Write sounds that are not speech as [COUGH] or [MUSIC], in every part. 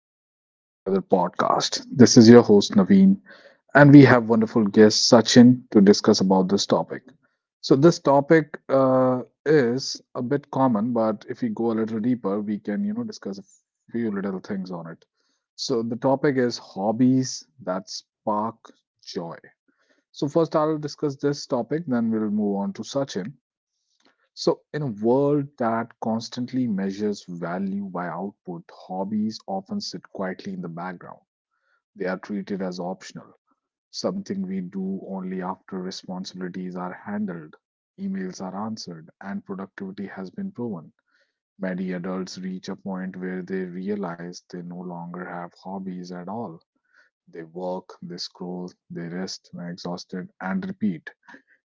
Welcome back to another podcast. This is your host, Naveen, and we have wonderful guest, Sachin, to discuss about this topic. So, this topic is a bit common, but if we go a little deeper, we can, you know, discuss a few little things on it. So, the topic is hobbies that spark joy. So, first, I'll discuss this topic, then we'll move on to Sachin. So, in a world that constantly measures value by output, hobbies often sit quietly in the background. They are treated as optional, something we do only after responsibilities are handled, emails are answered, and productivity has been proven. Many adults reach a point where they realize they no longer have hobbies at all. They work, they scroll, they rest when exhausted, and repeat.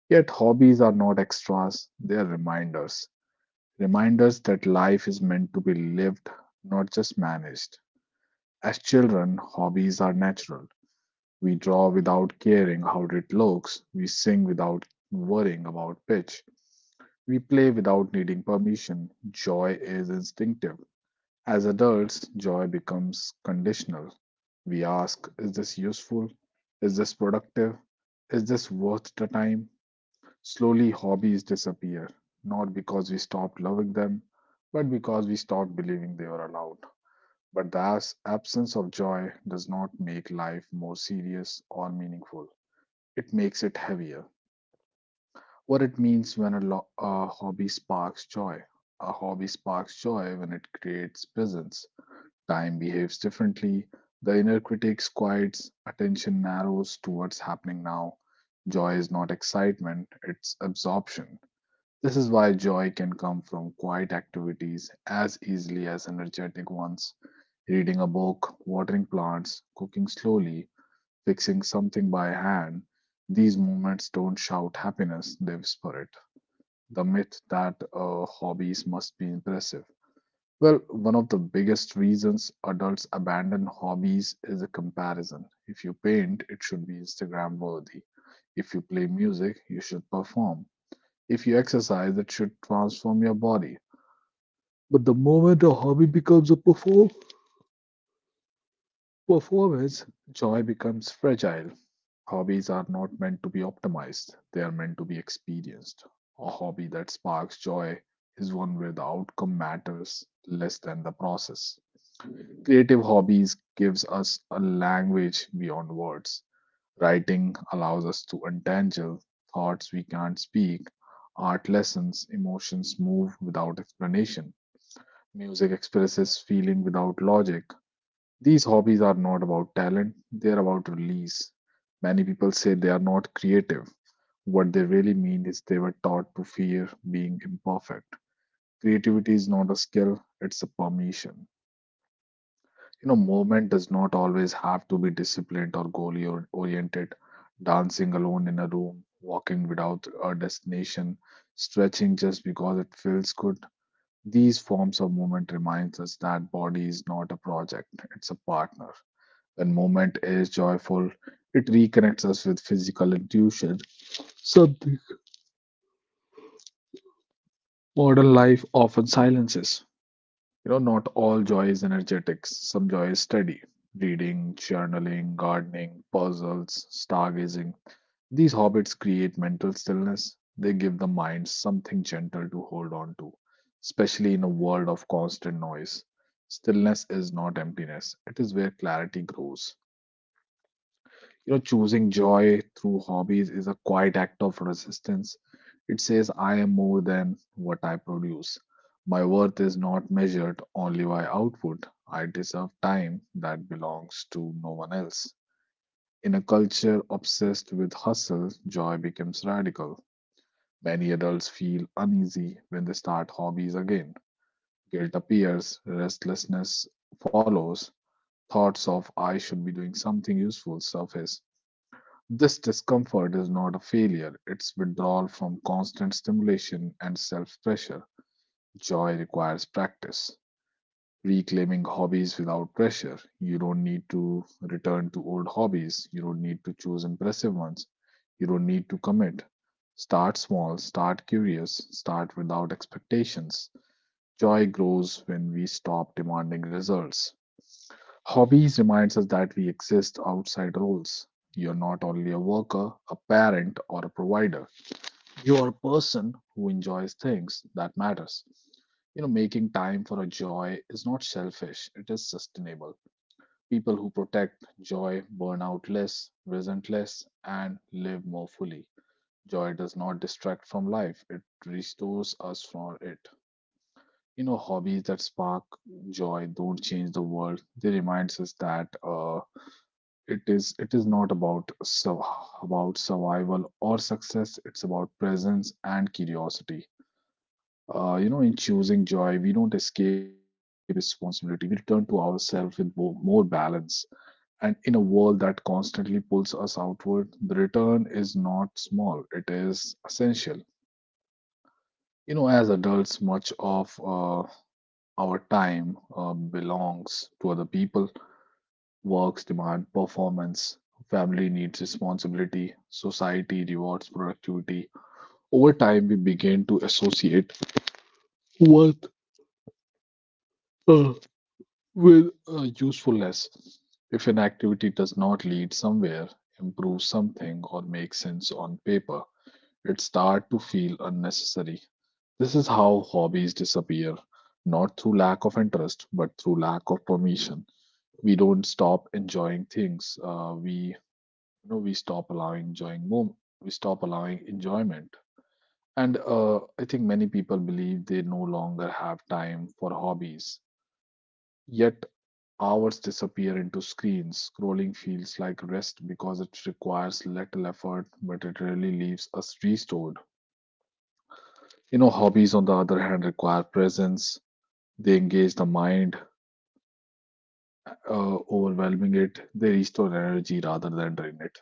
Yet, hobbies are not extras, they are reminders. That life is meant to be lived, not just managed. As children, hobbies are natural. We draw without caring how it looks, we sing without worrying about pitch, we play without needing permission. Joy is instinctive. As adults, joy becomes conditional. We ask, is this useful? Is this productive? Is this worth the time? Slowly, hobbies disappear, not because we stopped loving them, but because we stopped believing they were allowed. But the absence of joy does not make life more serious or meaningful. It makes it heavier. What it means when a hobby sparks joy. A hobby sparks joy when it creates presence. Time behaves differently. The inner critic quiets. Attention narrows towards happening now. Joy is not excitement, it's absorption. This is why joy can come from quiet activities as easily as energetic ones. Reading a book, watering plants, cooking slowly, fixing something by hand. These moments don't shout happiness, they whisper it. The myth that hobbies must be impressive. Well, one of the biggest reasons adults abandon hobbies is a comparison. If you paint, it should be Instagram worthy. If you play music, you should perform. If you exercise, it should transform your body. But the moment a hobby becomes a performance, joy becomes fragile. Hobbies are not meant to be optimized, they are meant to be experienced. A hobby that sparks joy is one where the outcome matters less than the process. Creative hobbies gives us a language beyond words. Writing allows us to untangle thoughts we can't speak. Art lessons emotions move without explanation. Music expresses feeling without logic. These hobbies are not about talent, they are about release. Many people say they are not creative. What they really mean is they were taught to fear being imperfect. Creativity is not a skill, it's a permission. You know, movement does not always have to be disciplined or oriented. Dancing alone in a room, walking without a destination, stretching just because it feels good. These forms of movement reminds us that body is not a project, it's a partner. When movement is joyful, it reconnects us with physical intuition, something modern life often silences. You know, not all joy is energetics. Some joy is steady. Reading, journaling, gardening, puzzles, stargazing. These hobbits create mental stillness. They give the mind something gentle to hold on to, especially in a world of constant noise. Stillness is not emptiness, it is where clarity grows. You know, choosing joy through hobbies is a quiet act of resistance. It says, I am more than what I produce. My worth is not measured only by output. I deserve time that belongs to no one else. In a culture obsessed with hustle, joy becomes radical. Many adults feel uneasy when they start hobbies again. Guilt appears, restlessness follows, thoughts of I should be doing something useful surface. This discomfort is not a failure, it's withdrawal from constant stimulation and self pressure. Joy requires practice. Reclaiming hobbies without pressure. You don't need to return to old hobbies. You don't need to choose impressive ones. You don't need to commit. Start small, start curious, start without expectations. Joy grows when we stop demanding results. Hobbies reminds us that we exist outside roles. You're not only a worker, a parent, or a provider. You are a person who enjoys things that matters. You know, making time for a joy is not selfish, it is sustainable. People who protect joy burn out less, resent less, and live more fully. Joy does not distract from life, it restores us from it. You know, hobbies that spark joy don't change the world. They remind us that it is not about about survival or success. It's about presence and curiosity. You know, in choosing joy, we don't escape responsibility, we return to ourselves with more balance. And in a world that constantly pulls us outward, the return is not small, it is essential. You know, as adults, much of our time belongs to other people. Works demand performance, family needs responsibility, society rewards productivity. Over time, we begin to associate worth uh, with usefulness. If an activity does not lead somewhere, improve something, or make sense on paper, it starts to feel unnecessary. This is how hobbies disappear, not through lack of interest, but through lack of permission. We don't stop enjoying things. We you know we stop allowing enjoying moment. We stop allowing enjoyment. And I think many people believe they no longer have time for hobbies. Yet hours disappear into screens. Scrolling feels like rest because it requires little effort, but it really leaves us restored. You know, hobbies, on the other hand, require presence. They engage the mind overwhelming it. They restore energy rather than drain it.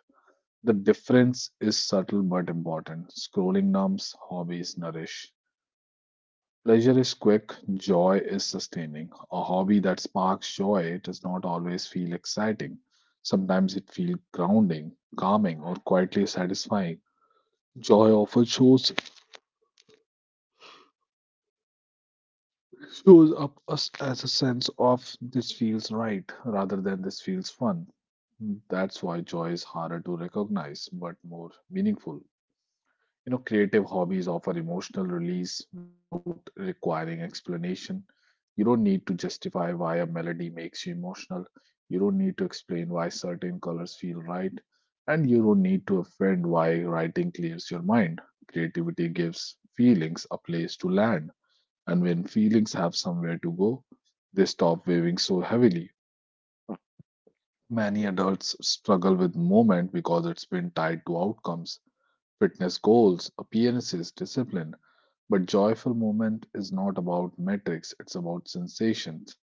The difference is subtle but important. Scrolling numbs, hobbies nourish. Pleasure is quick, joy is sustaining. A hobby that sparks joy does not always feel exciting. Sometimes it feels grounding, calming, or quietly satisfying. Joy often shows up us as a sense of this feels right rather than this feels fun. Hmm. That's why joy is harder to recognize but more meaningful. You know, creative hobbies offer emotional release without requiring explanation. You don't need to justify why a melody makes you emotional. You don't need to explain why certain colors feel right. And you don't need to offend why writing clears your mind. Creativity gives feelings a place to land. And when feelings have somewhere to go, they stop weighing so heavily. Many adults struggle with movement because it's been tied to outcomes, fitness goals, appearances, discipline. But joyful movement is not about metrics, it's about sensations.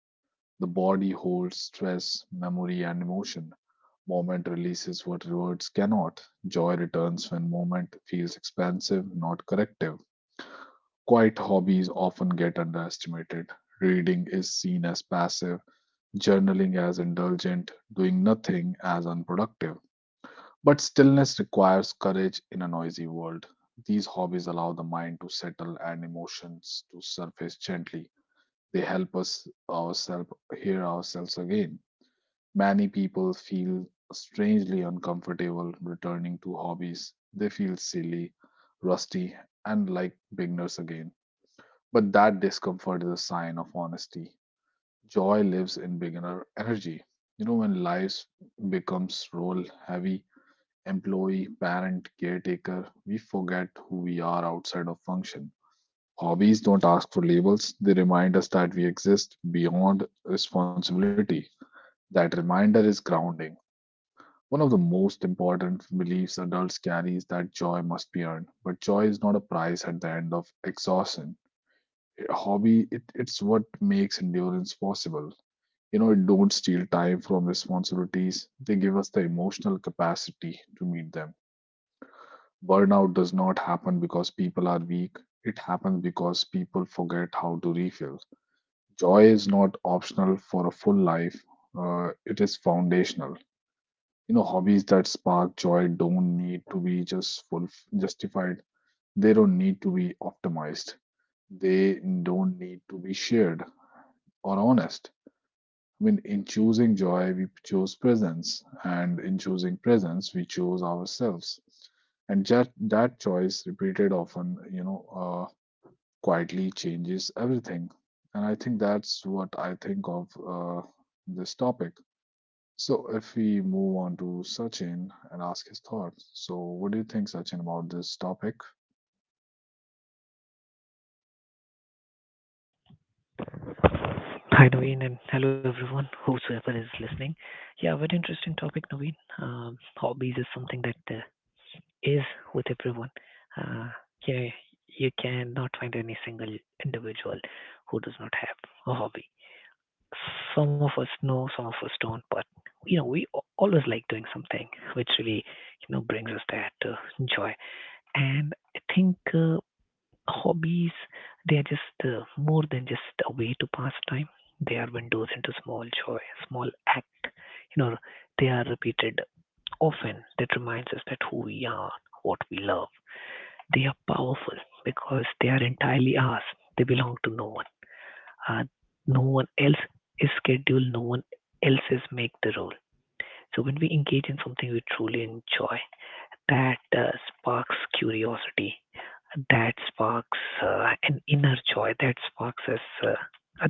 The body holds stress, memory, and emotion. Movement releases what words cannot. Joy returns when movement feels expansive, not corrective. Quiet hobbies often get underestimated. Reading is seen as passive, journaling as indulgent, doing nothing as unproductive. But stillness requires courage in a noisy world. These hobbies allow the mind to settle and emotions to surface gently. They help us ourselves hear ourselves again. Many people feel strangely uncomfortable returning to hobbies. They feel silly, rusty, and like beginners again. But that discomfort is a sign of honesty. Joy lives in beginner energy. You know, when life becomes role heavy, employee, parent, caretaker, we forget who we are outside of function. Hobbies don't ask for labels, they remind us that we exist beyond responsibility. That reminder is grounding. One of the most important beliefs adults carry is that joy must be earned, but joy is not a prize at the end of exhaustion. A hobby, it's what makes endurance possible. You know, it don't steal time from responsibilities, they give us the emotional capacity to meet them. Burnout does not happen because people are weak, it happens because people forget how to refill. Joy is not optional for a full life, it is foundational. You know, hobbies that spark joy don't need to be justified. They don't need to be optimized. They don't need to be shared or honest. I mean, in choosing joy, we choose presence, and in choosing presence, we choose ourselves. And just that choice, repeated often, you know, quietly changes everything. And I think that's what I think of this topic. So, if we move on to Sachin and ask his thoughts, so what do you think, Sachin, about this topic? Hi, Naveen, and hello everyone, whosoever is listening. Yeah, very interesting topic, Naveen. Hobbies is something that is with everyone. Uh, you, know, you cannot find any single individual who does not have a hobby. Some of us know, some of us don't, but we always like doing something which really, brings us that joy. And I think hobbies, they are just more than just a way to pass time. They are windows into small joy, small act. You know, they are repeated often that reminds us that who we are, what we love. They are powerful because they are entirely ours. They belong to no one. Uh, no one else is scheduled, no one else is make the rule. So when we engage in something we truly enjoy, that sparks curiosity, that sparks an inner joy, that sparks us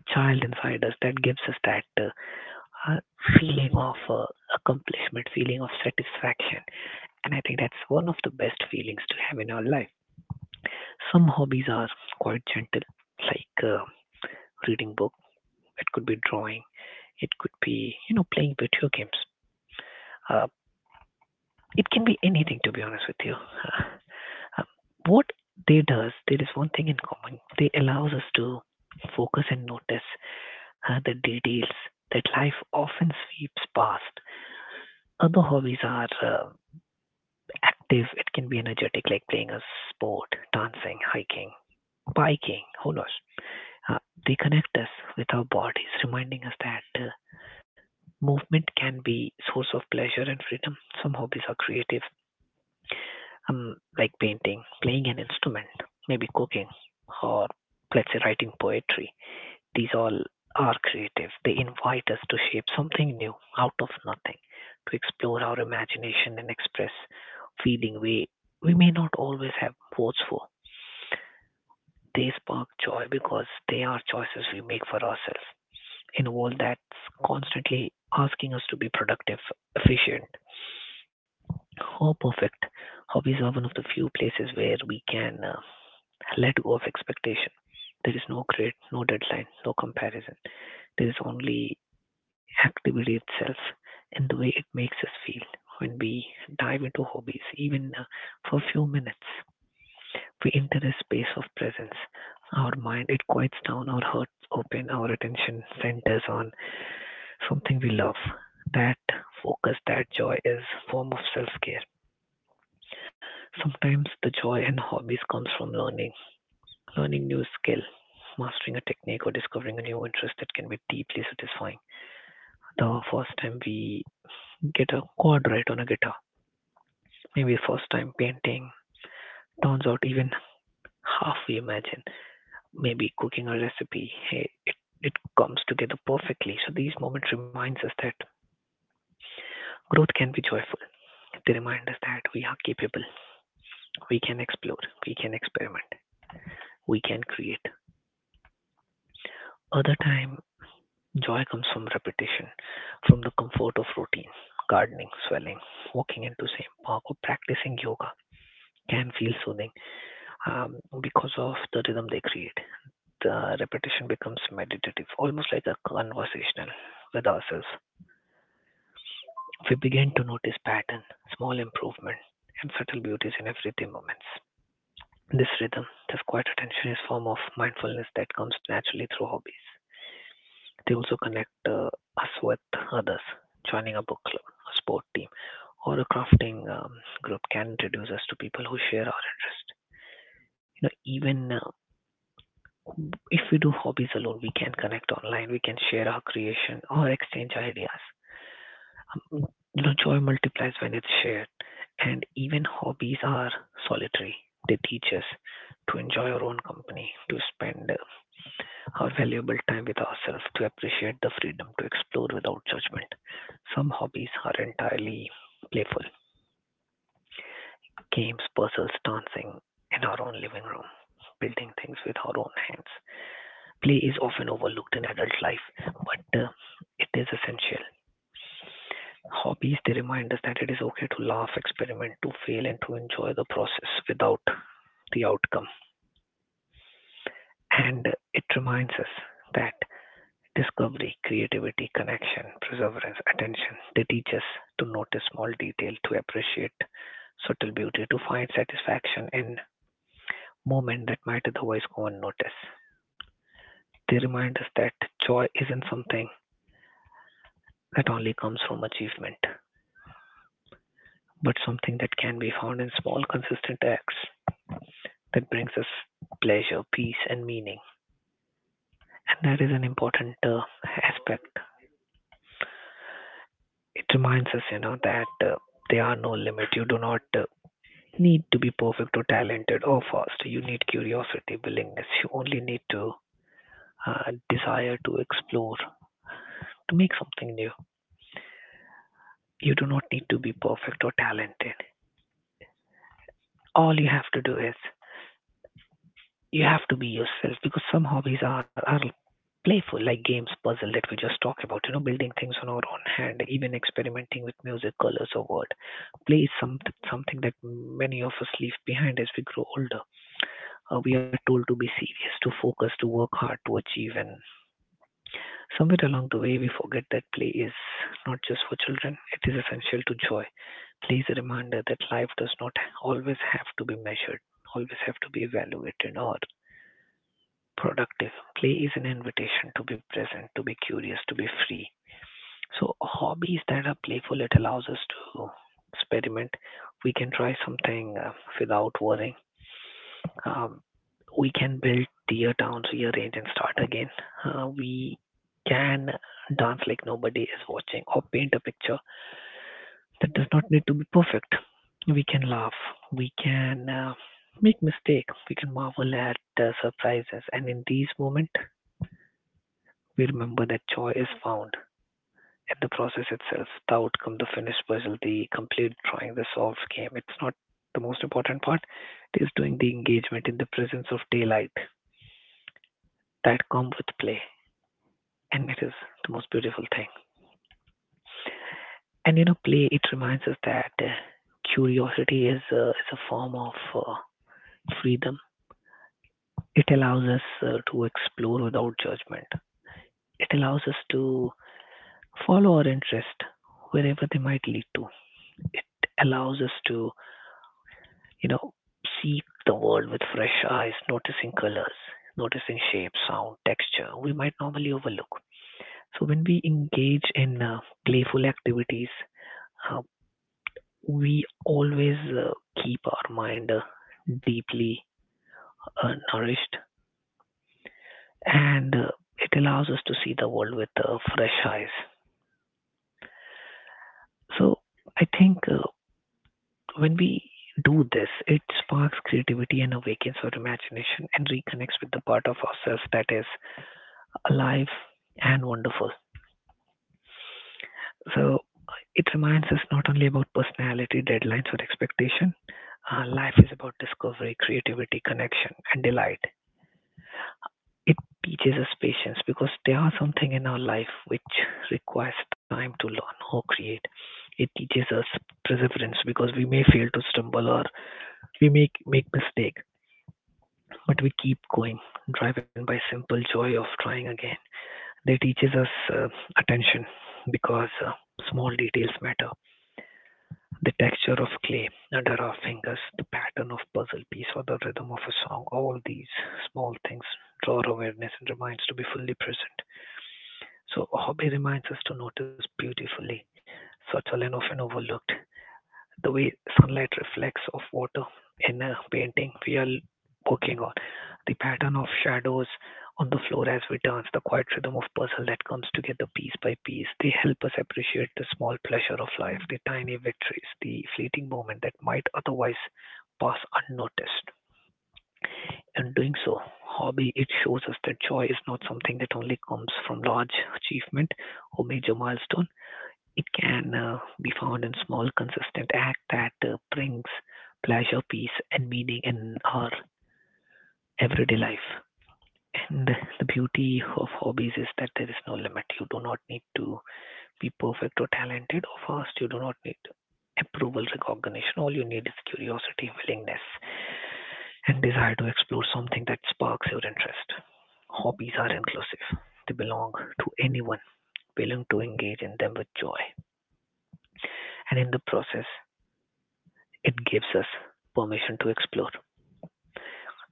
a child inside us, that gives us that uh, feeling of accomplishment, feeling of satisfaction. And I think that's one of the best feelings to have in our life. Some hobbies are quite gentle, like reading book, it could be drawing, it could be, playing video games. Uh, it can be anything, to be honest with you. Uh, What they does, there is one thing in common. They allows us to focus and notice the details that life often sweeps past. Other hobbies are active. It can be energetic, like playing a sport, dancing, hiking, biking, who knows? Uh, they connect us with our bodies, reminding us that movement can be source of pleasure and freedom. Some hobbies are creative, like painting, playing an instrument, maybe cooking, or let's say writing poetry. These all are creative. They invite us to shape something new out of nothing, to explore our imagination and express feeling we may not always have words for. They spark joy because they are choices we make for ourselves in a world that's constantly asking us to be productive, efficient, or perfect. Hobbies are one of the few places where we can let go of expectation. There is no grade, no deadline, no comparison. There is only activity itself and the way it makes us feel. When we dive into hobbies, even for a few minutes, we enter a space of presence. Our mind, it quiets down, our hearts open, our attention centers on something we love. That focus, that joy is form of self-care. Sometimes the joy in hobbies comes from learning new skill, mastering a technique, or discovering a new interest that can be deeply satisfying. The first time we get a chord right on a guitar, maybe first time painting, turns out even half we imagine, maybe cooking a recipe, hey, it comes together perfectly. So these moments reminds us that growth can be joyful. They remind us that we are capable, we can explore, we can experiment, we can create. Other time joy comes from repetition, from the comfort of routine. Gardening, swelling, walking into same park or practicing yoga can feel soothing um, because of the rhythm they create. The repetition becomes meditative, almost like a conversational with ourselves. We begin to notice pattern, small improvement, and subtle beauties in everyday moments. This rhythm, this quiet attention is form of mindfulness that comes naturally through hobbies. They also connect us with others. Joining a book club, a sport team, or a crafting group can introduce us to people who share our interest. You know, even if we do hobbies alone, we can connect online. We can share our creation or exchange ideas. Mm, You know, joy multiplies when it's shared. And even hobbies are solitary. They teach us to enjoy our own company, to spend our valuable time with ourselves to appreciate the freedom to explore without judgment. Some hobbies are entirely playful games, puzzles, dancing in our own living room, building things with our own hands. Play is often overlooked in adult life, but it is essential. Hobbies they remind us that it is okay to laugh, experiment, to fail, and to enjoy the process without the outcome. And it reminds us that discovery, creativity, connection, perseverance, attention. They teach us to notice small detail, to appreciate subtle beauty, to find satisfaction in moment that might otherwise go unnoticed. They remind us that joy isn't something that only comes from achievement, but something that can be found in small, consistent acts that brings us pleasure, peace, and meaning. And that is an important aspect. It reminds us, you know, that there are no limits. You do not need to be perfect or talented or fast. You need curiosity, willingness. You only need to desire to explore, to make something new. You do not need to be perfect or talented. All you have to do is you have to be yourself because some hobbies are playful, like games, puzzle that we just talked about, you know, building things on our own hand, even experimenting with music, colors, or word. Play is something that many of us leave behind as we grow older we are told to be serious, to focus, to work hard, to achieve, and somewhere along the way, we forget that play is not just for children, it is essential to joy. Play is a reminder that life does not always have to be measured, always have to be evaluated or productive. Play is an invitation to be present, to be curious, to be free. So, hobbies that are playful, it allows us to experiment. We can try something without worrying, um, we can build tier towns, rearrange, and start again. We can dance like nobody is watching or paint a picture that does not need to be perfect. We can laugh. We can make mistakes. We can marvel at surprises. And in these moments, we remember that joy is found in the process itself the outcome, the finished puzzle, the complete drawing, the solved game. It's not the most important part, it is doing the engagement in the presence of daylight that come with play, and it is the most beautiful thing. And you know, play it reminds us that curiosity is a form of uh, freedom. It allows us to explore without judgment. It allows us to follow our interest wherever they might lead to. It allows us to, you know, see the world with fresh eyes, noticing colors, noticing shape, sound, texture we might normally overlook. So when we engage in playful activities, uh, we always keep our mind deeply nourished and it allows us to see the world with fresh eyes. So I think when we do this, it sparks creativity and awakens our imagination and reconnects with the part of ourselves that is alive and wonderful. So it reminds us not only about personality, deadlines, or expectation. Life is about discovery, creativity, connection, and delight. It teaches us patience because there are something in our life which requires time to learn or create. It teaches us perseverance because we may fail to stumble or we make mistake, but we keep going, driven by simple joy of trying again. They teaches us attention because small details matter. The texture of clay under our fingers, the pattern of puzzle piece or the rhythm of a song, all these small things draw our awareness and reminds to be fully present. So a hobby reminds us to notice beautifully, such are often overlooked, the way sunlight reflects off water in a painting we are working on, the pattern of shadows on the floor as we dance, the quiet rhythm of puzzle that comes together piece by piece. They help us appreciate the small pleasure of life, the tiny victories, the fleeting moment that might otherwise pass unnoticed in doing so, hobby, it shows us that joy is not something that only comes from large achievement or major milestone. It can be found in small, consistent act that brings pleasure, peace, and meaning in our everyday life. And the beauty of hobbies is that there is no limit. You do not need to be perfect or talented or fast. You do not need approval, recognition. All you need is curiosity, willingness, and desire to explore something that sparks your interest. Hobbies are inclusive. They belong to anyone willing to engage in them with joy. And in the process, it gives us permission to explore.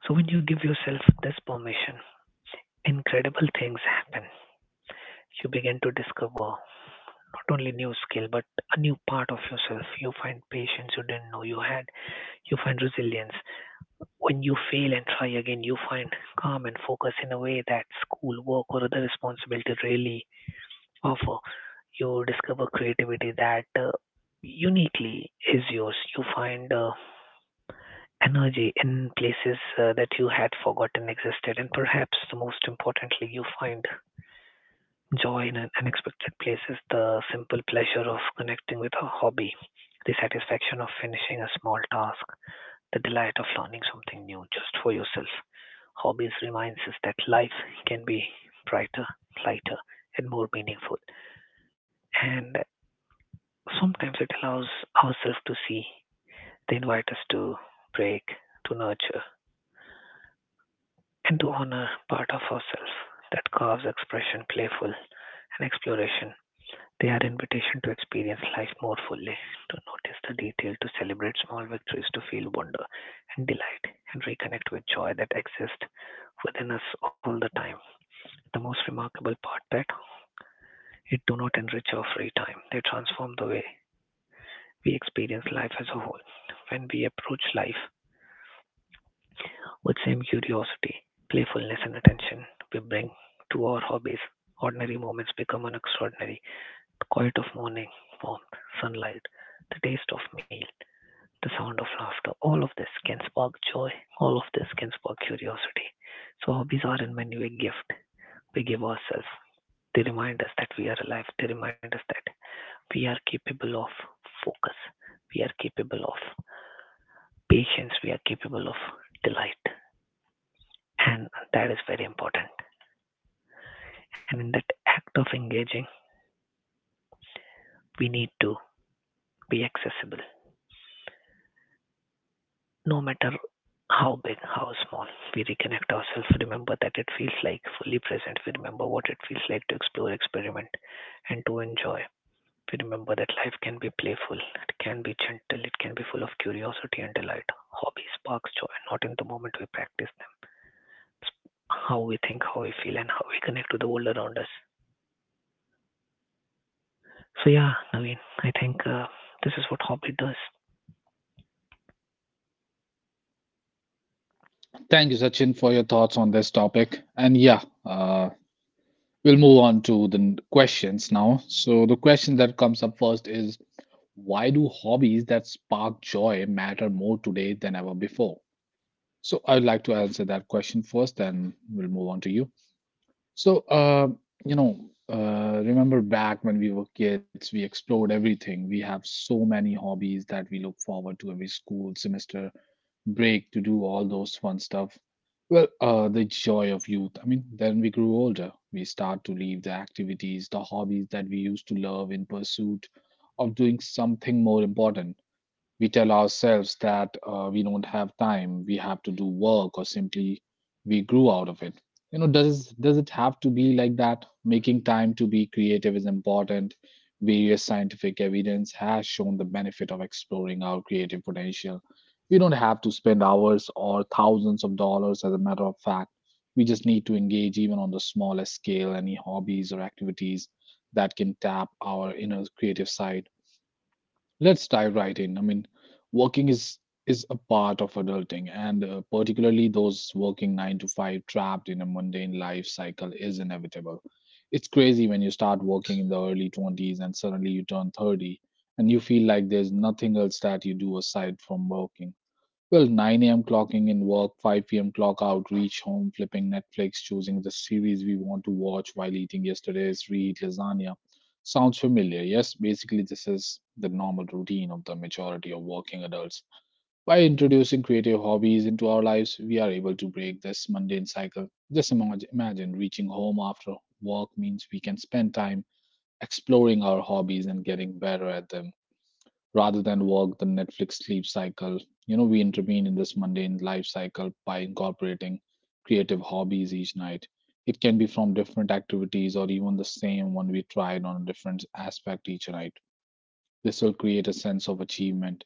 So when you give yourself this permission, incredible things happen. You begin to discover not only new skill but a new part of yourself. You find patience you didn't know you had. You find resilience. When you fail and try again, you find calm and focus in a way that school, work, or other responsibility really offer, you discover creativity that uniquely is yours. You find energy in places that you had forgotten existed, and perhaps the most importantly, you find joy in an unexpected places, the simple pleasure of connecting with a hobby, the satisfaction of finishing a small task, the delight of learning something new just for yourself. Hobbies reminds us that life can be brighter, lighter, and more meaningful. And sometimes it allows ourselves to see. They invite us to break, to nurture, and to honor part of ourselves that carves expression playful and exploration. They are invitation to experience life more fully, to notice the detail, to celebrate small victories, to feel wonder and delight, and reconnect with joy that exists within us all the time. The most remarkable part that it do not enrich our free time. They transform the way we experience life as a whole. When we approach life with same curiosity, playfulness and attention we bring to our hobbies, ordinary moments become an extraordinary. The quiet of morning, warmth, sunlight, the taste of meal, the sound of laughter, all of this can spark joy, all of this can spark curiosity. So hobbies are in many ways a gift we give ourselves. They remind us that we are alive. They remind us that we are capable of focus. We are capable of patience. We are capable of delight. And that is very important. And in that act of engaging, we need to be accessible. No matter how big, how small, we reconnect ourselves, remember that it feels like fully present, we remember what it feels like to explore, experiment, and to enjoy. We remember that life can be playful, it can be gentle, it can be full of curiosity and delight. Hobby sparks joy, not in the moment we practice them. It's how we think, how we feel, and how we connect to the world around us. So yeah, Naveen, I think this is what hobby does. Thank you, Sachin, for your thoughts on this topic. And yeah, we'll move on to the questions now. So, the question that comes up first is why do hobbies that spark joy matter more today than ever before? So, I'd like to answer that question first, and we'll move on to you. So, you know, remember back when we were kids, we explored everything. We have so many hobbies that we look forward to every school semester break to do all those fun stuff. Well, the joy of youth. I mean, then we grew older. We start to leave the activities, the hobbies that we used to love in pursuit of doing something more important. We tell ourselves that we don't have time, we have to do work, or simply we grew out of it. You know, does it have to be like that? Making time to be creative is important. Various scientific evidence has shown the benefit of exploring our creative potential. We don't have to spend hours or thousands of dollars, as a matter of fact. We just need to engage even on the smallest scale, any hobbies or activities that can tap our inner creative side. Let's dive right in. I mean, working is a part of adulting, and particularly those working nine to five, trapped in a mundane life cycle, is inevitable. It's crazy when you start working in the early 20s and suddenly you turn 30, and you feel like there's nothing else that you do aside from working. Well, 9 a.m. clocking in work, 5 p.m. clock out, reach home, flipping Netflix, choosing the series we want to watch while eating yesterday's reheat lasagna. Sounds familiar, yes? Basically, this is the normal routine of the majority of working adults. By introducing creative hobbies into our lives, we are able to break this mundane cycle. Just imagine reaching home after work means we can spend time exploring our hobbies and getting better at them rather than work the Netflix sleep cycle. You know, we intervene in this mundane life cycle by incorporating creative hobbies each night. It can be from different activities or even the same one we tried on a different aspect each night. This will create a sense of achievement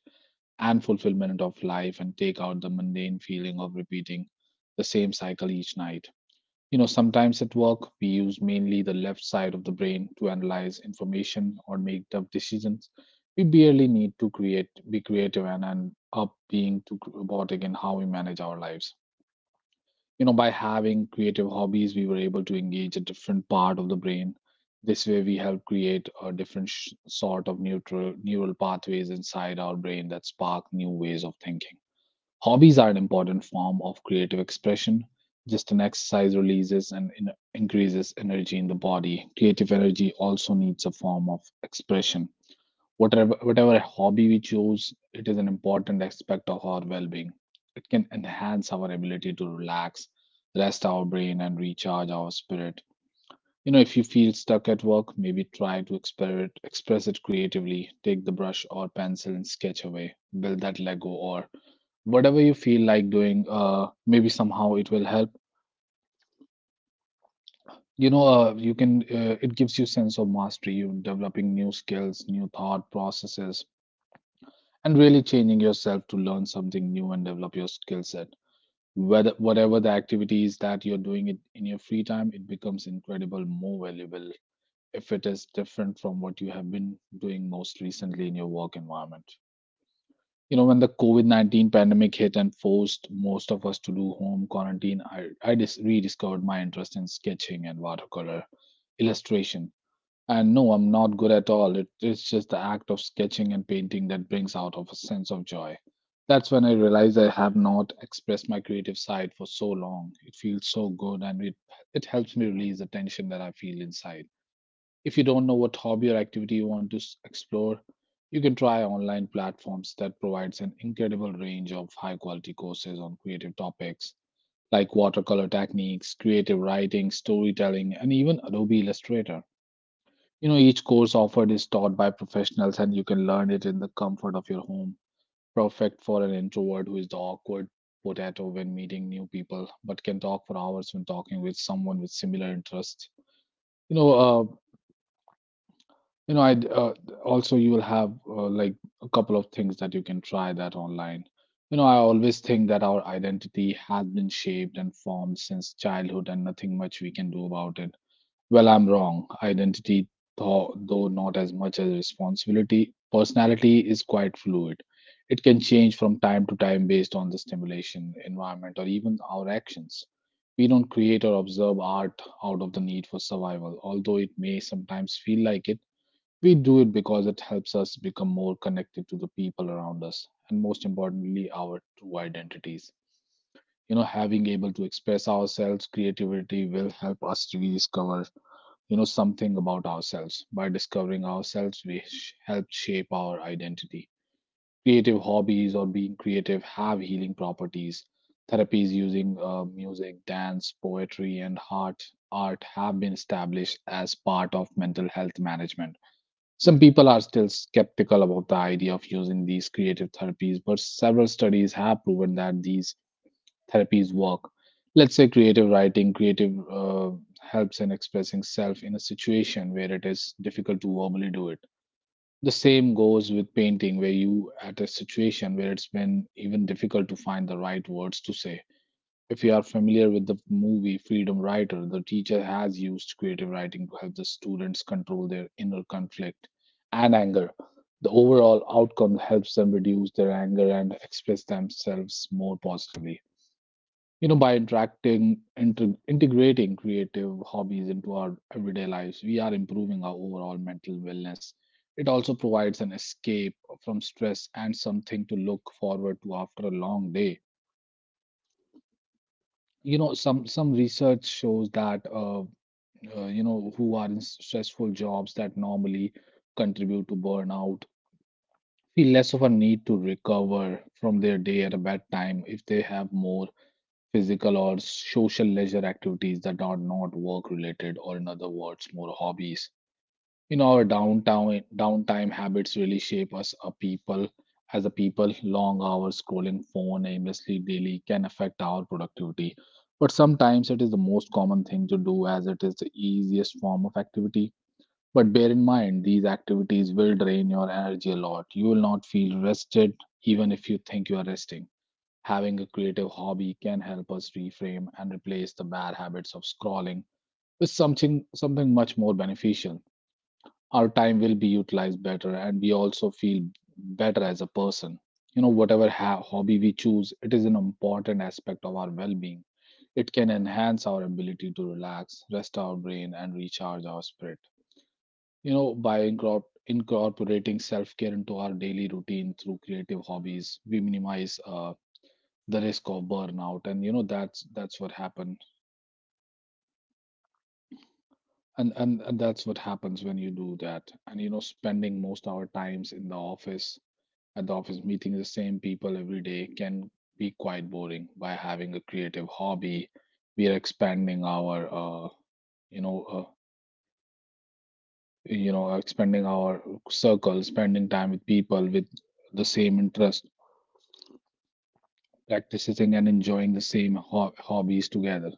and fulfillment of life and take out the mundane feeling of repeating the same cycle each night. You know, sometimes at work, we use mainly the left side of the brain to analyze information or make tough decisions. We barely need to create, be creative, and end up being too robotic in how we manage our lives. You know, by having creative hobbies, we were able to engage a different part of the brain. This way, we help create a different sort of neutral neural pathways inside our brain that spark new ways of thinking. Hobbies are an important form of creative expression. Just an exercise releases and increases energy in the body. Creative energy also needs a form of expression. Whatever hobby we choose, it is an important aspect of our well being. It can enhance our ability to relax, rest our brain, and recharge our spirit. You know, if you feel stuck at work, maybe try to express it creatively. Take the brush or pencil and sketch away, build that Lego, or whatever you feel like doing. Maybe somehow it will help. You know you can It gives you sense of mastery, you developing new skills, new thought processes and really changing yourself to learn something new and develop your skill set. Whether whatever the activity is that you're doing it in your free time, it becomes incredible more valuable if it is different from what you have been doing most recently in your work environment. You know, when the covid-19 pandemic hit and forced most of us to do home quarantine, I rediscovered my interest in sketching and watercolor illustration. And no, I'm not good at all. It's just the act of sketching and painting that brings out of a sense of joy. That's when I realized I have not expressed my creative side for so long. It feels so good and it helps me release the tension that I feel inside. If you don't know what hobby or activity you want to explore, you can try online platforms that provides an incredible range of high quality courses on creative topics like watercolor techniques, creative writing, storytelling, and even Adobe Illustrator. You know, each course offered is taught by professionals and you can learn it in the comfort of your home. Perfect for an introvert who is the awkward potato when meeting new people, but can talk for hours when talking with someone with similar interests. You know, uh, You know, I Also you will have like a couple of things that you can try that online. You know, I always think that our identity has been shaped and formed since childhood, and nothing much we can do about it. Well, I'm wrong. Identity, though not as much as responsibility, personality is quite fluid. It can change from time to time based on the stimulation, environment, or even our actions. We don't create or observe art out of the need for survival, although it may sometimes feel like it. We do it because it helps us become more connected to the people around us and most importantly our true identities. You know, having able to express ourselves, creativity will help us to rediscover, you know, something about ourselves. By discovering ourselves, we help shape our identity. Creative hobbies or being creative have healing properties. Therapies using music, dance, poetry, and art have been established as part of mental health management. Some people are still skeptical about the idea of using these creative therapies, but several studies have proven that these therapies work. Let's say creative writing, creative helps in expressing self in a situation where it is difficult to verbally do it. The same goes with painting, where you at a situation where it's been even difficult to find the right words to say. If you are familiar with the movie Freedom Writer, the teacher has used creative writing to help the students control their inner conflict and anger. The overall outcome helps them reduce their anger and express themselves more positively. You know, by integrating creative hobbies into our everyday lives, we are improving our overall mental wellness. It also provides an escape from stress and something to look forward to after a long day. You know, some research shows that you know who are in stressful jobs that normally contribute to burnout feel less of a need to recover from their day at a bad time if they have more physical or social leisure activities that are not work related, or in other words, more hobbies. You know, our downtown downtime habits really shape us a people as a people. Long hours scrolling phone aimlessly daily can affect our productivity, but sometimes it is the most common thing to do as it is the easiest form of activity. But bear in mind, these activities will drain your energy a lot. You will not feel rested even if you think you are resting. Having a creative hobby can help us reframe and replace the bad habits of scrolling with something much more beneficial. Our time will be utilized better and we also feel better as a person. You know, whatever hobby we choose, it is an important aspect of our well-being. It can enhance our ability to relax, rest our brain, and recharge our spirit. You know, by incorporating self-care into our daily routine through creative hobbies, we minimize the risk of burnout. And you know, that's what happened. And that's what happens when you do that. And you know, spending most our times in the office, at the office, meeting the same people every day can be quite boring. By having a creative hobby, we are expanding our, you know, uh, expanding our circle, spending time with people with the same interest, practicing and enjoying the same hobbies together.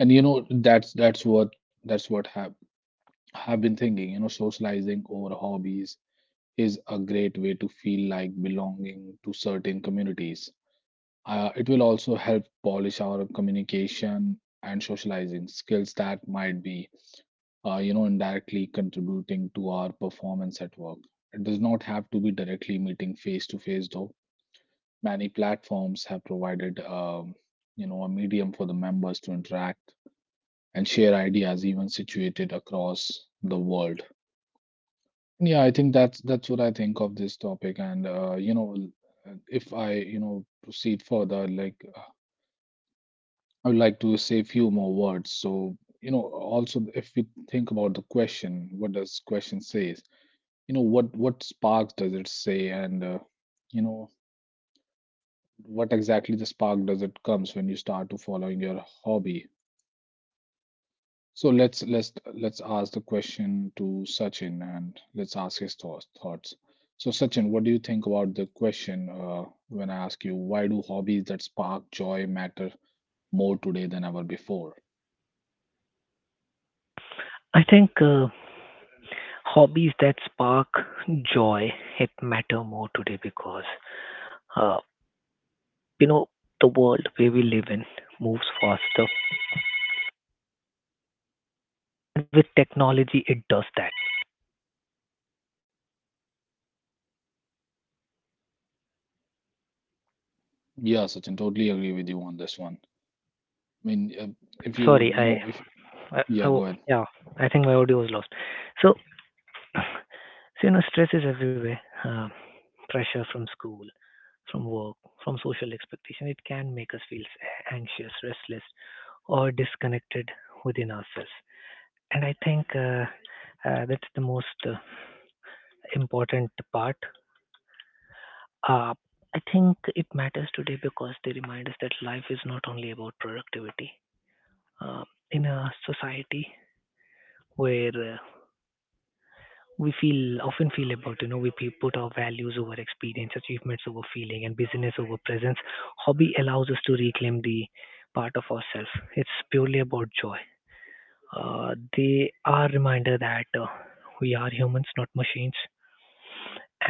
And you know, that's what have been thinking. You know, socializing over hobbies is a great way to feel like belonging to certain communities. It will also help polish our communication and socializing skills that might be, you know, indirectly contributing to our performance at work. It does not have to be directly meeting face to face, though. Many platforms have provided, you know, a medium for the members to interact and share ideas, even situated across the world. Yeah, I think that's what I think of this topic, and you know, if I, you know, proceed further, like I would like to say a few more words. So, you know, also if we think about the question, what does question says? You know, what spark does it say, and you know, what exactly the spark does it comes when you start to following your hobby? So let's ask the question to Sachin, and let's ask his thoughts. Thoughts. So Sachin, what do you think about the question when I ask you, why do hobbies that spark joy matter more today than ever before? I think hobbies that spark joy it matter more today because uh, you know the world where we live in moves faster with technology it does that. Yeah, Sachin, totally agree with you on this one. I mean, if you, Sorry, you know, if, I, I yeah, w- go ahead. yeah, I think my audio was lost. So, [CLEARS THROAT] so you know stress is everywhere. uh, Pressure from school, from work, from social expectation, it can make us feel anxious, restless, or disconnected within ourselves. And I think that's the most important part. Uh, I think it matters today because they remind us that life is not only about productivity. Uh, in a society where we feel often feel about, you know, we put our values over experience, achievements over feeling, and busyness over presence. Hobby allows us to reclaim the part of ourselves. It's purely about joy. They are reminder that we are humans, not machines,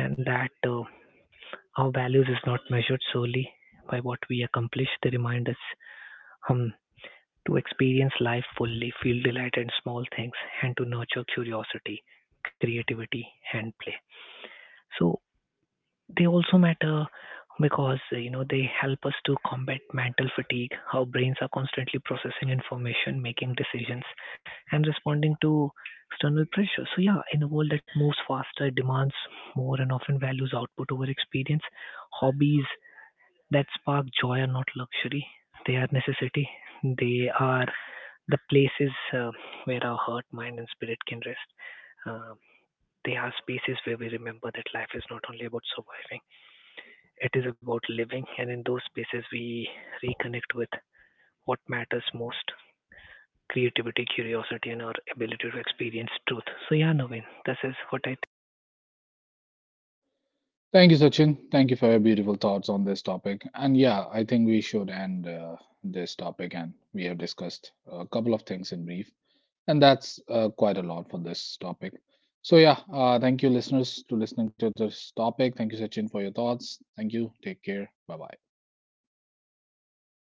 and that. Our values is not measured solely by what we accomplish. They remind us, um, to experience life fully, feel delight in small things, and to nurture curiosity, creativity, and play. So they also matter because you know they help us to combat mental fatigue. Our brains are constantly processing information, making decisions, and responding to external pressure. So yeah, in a world that moves faster, demands more, and often values output over experience, hobbies that spark joy are not luxury, they are necessity. They are the places where our heart, mind, and spirit can rest. Uh, they are spaces where we remember that life is not only about surviving, it is about living. And in those spaces, we reconnect with what matters most: creativity, curiosity, and our ability to experience truth. So, yeah, Naveen, this is what I Thank you, Sachin. Thank you for your beautiful thoughts on this topic. And yeah, I think we should end this topic. And we have discussed a couple of things in brief, and that's quite a lot for this topic. So yeah, thank you, listeners, to listening to this topic. Thank you, Sachin, for your thoughts. Thank you. Take care. Bye bye.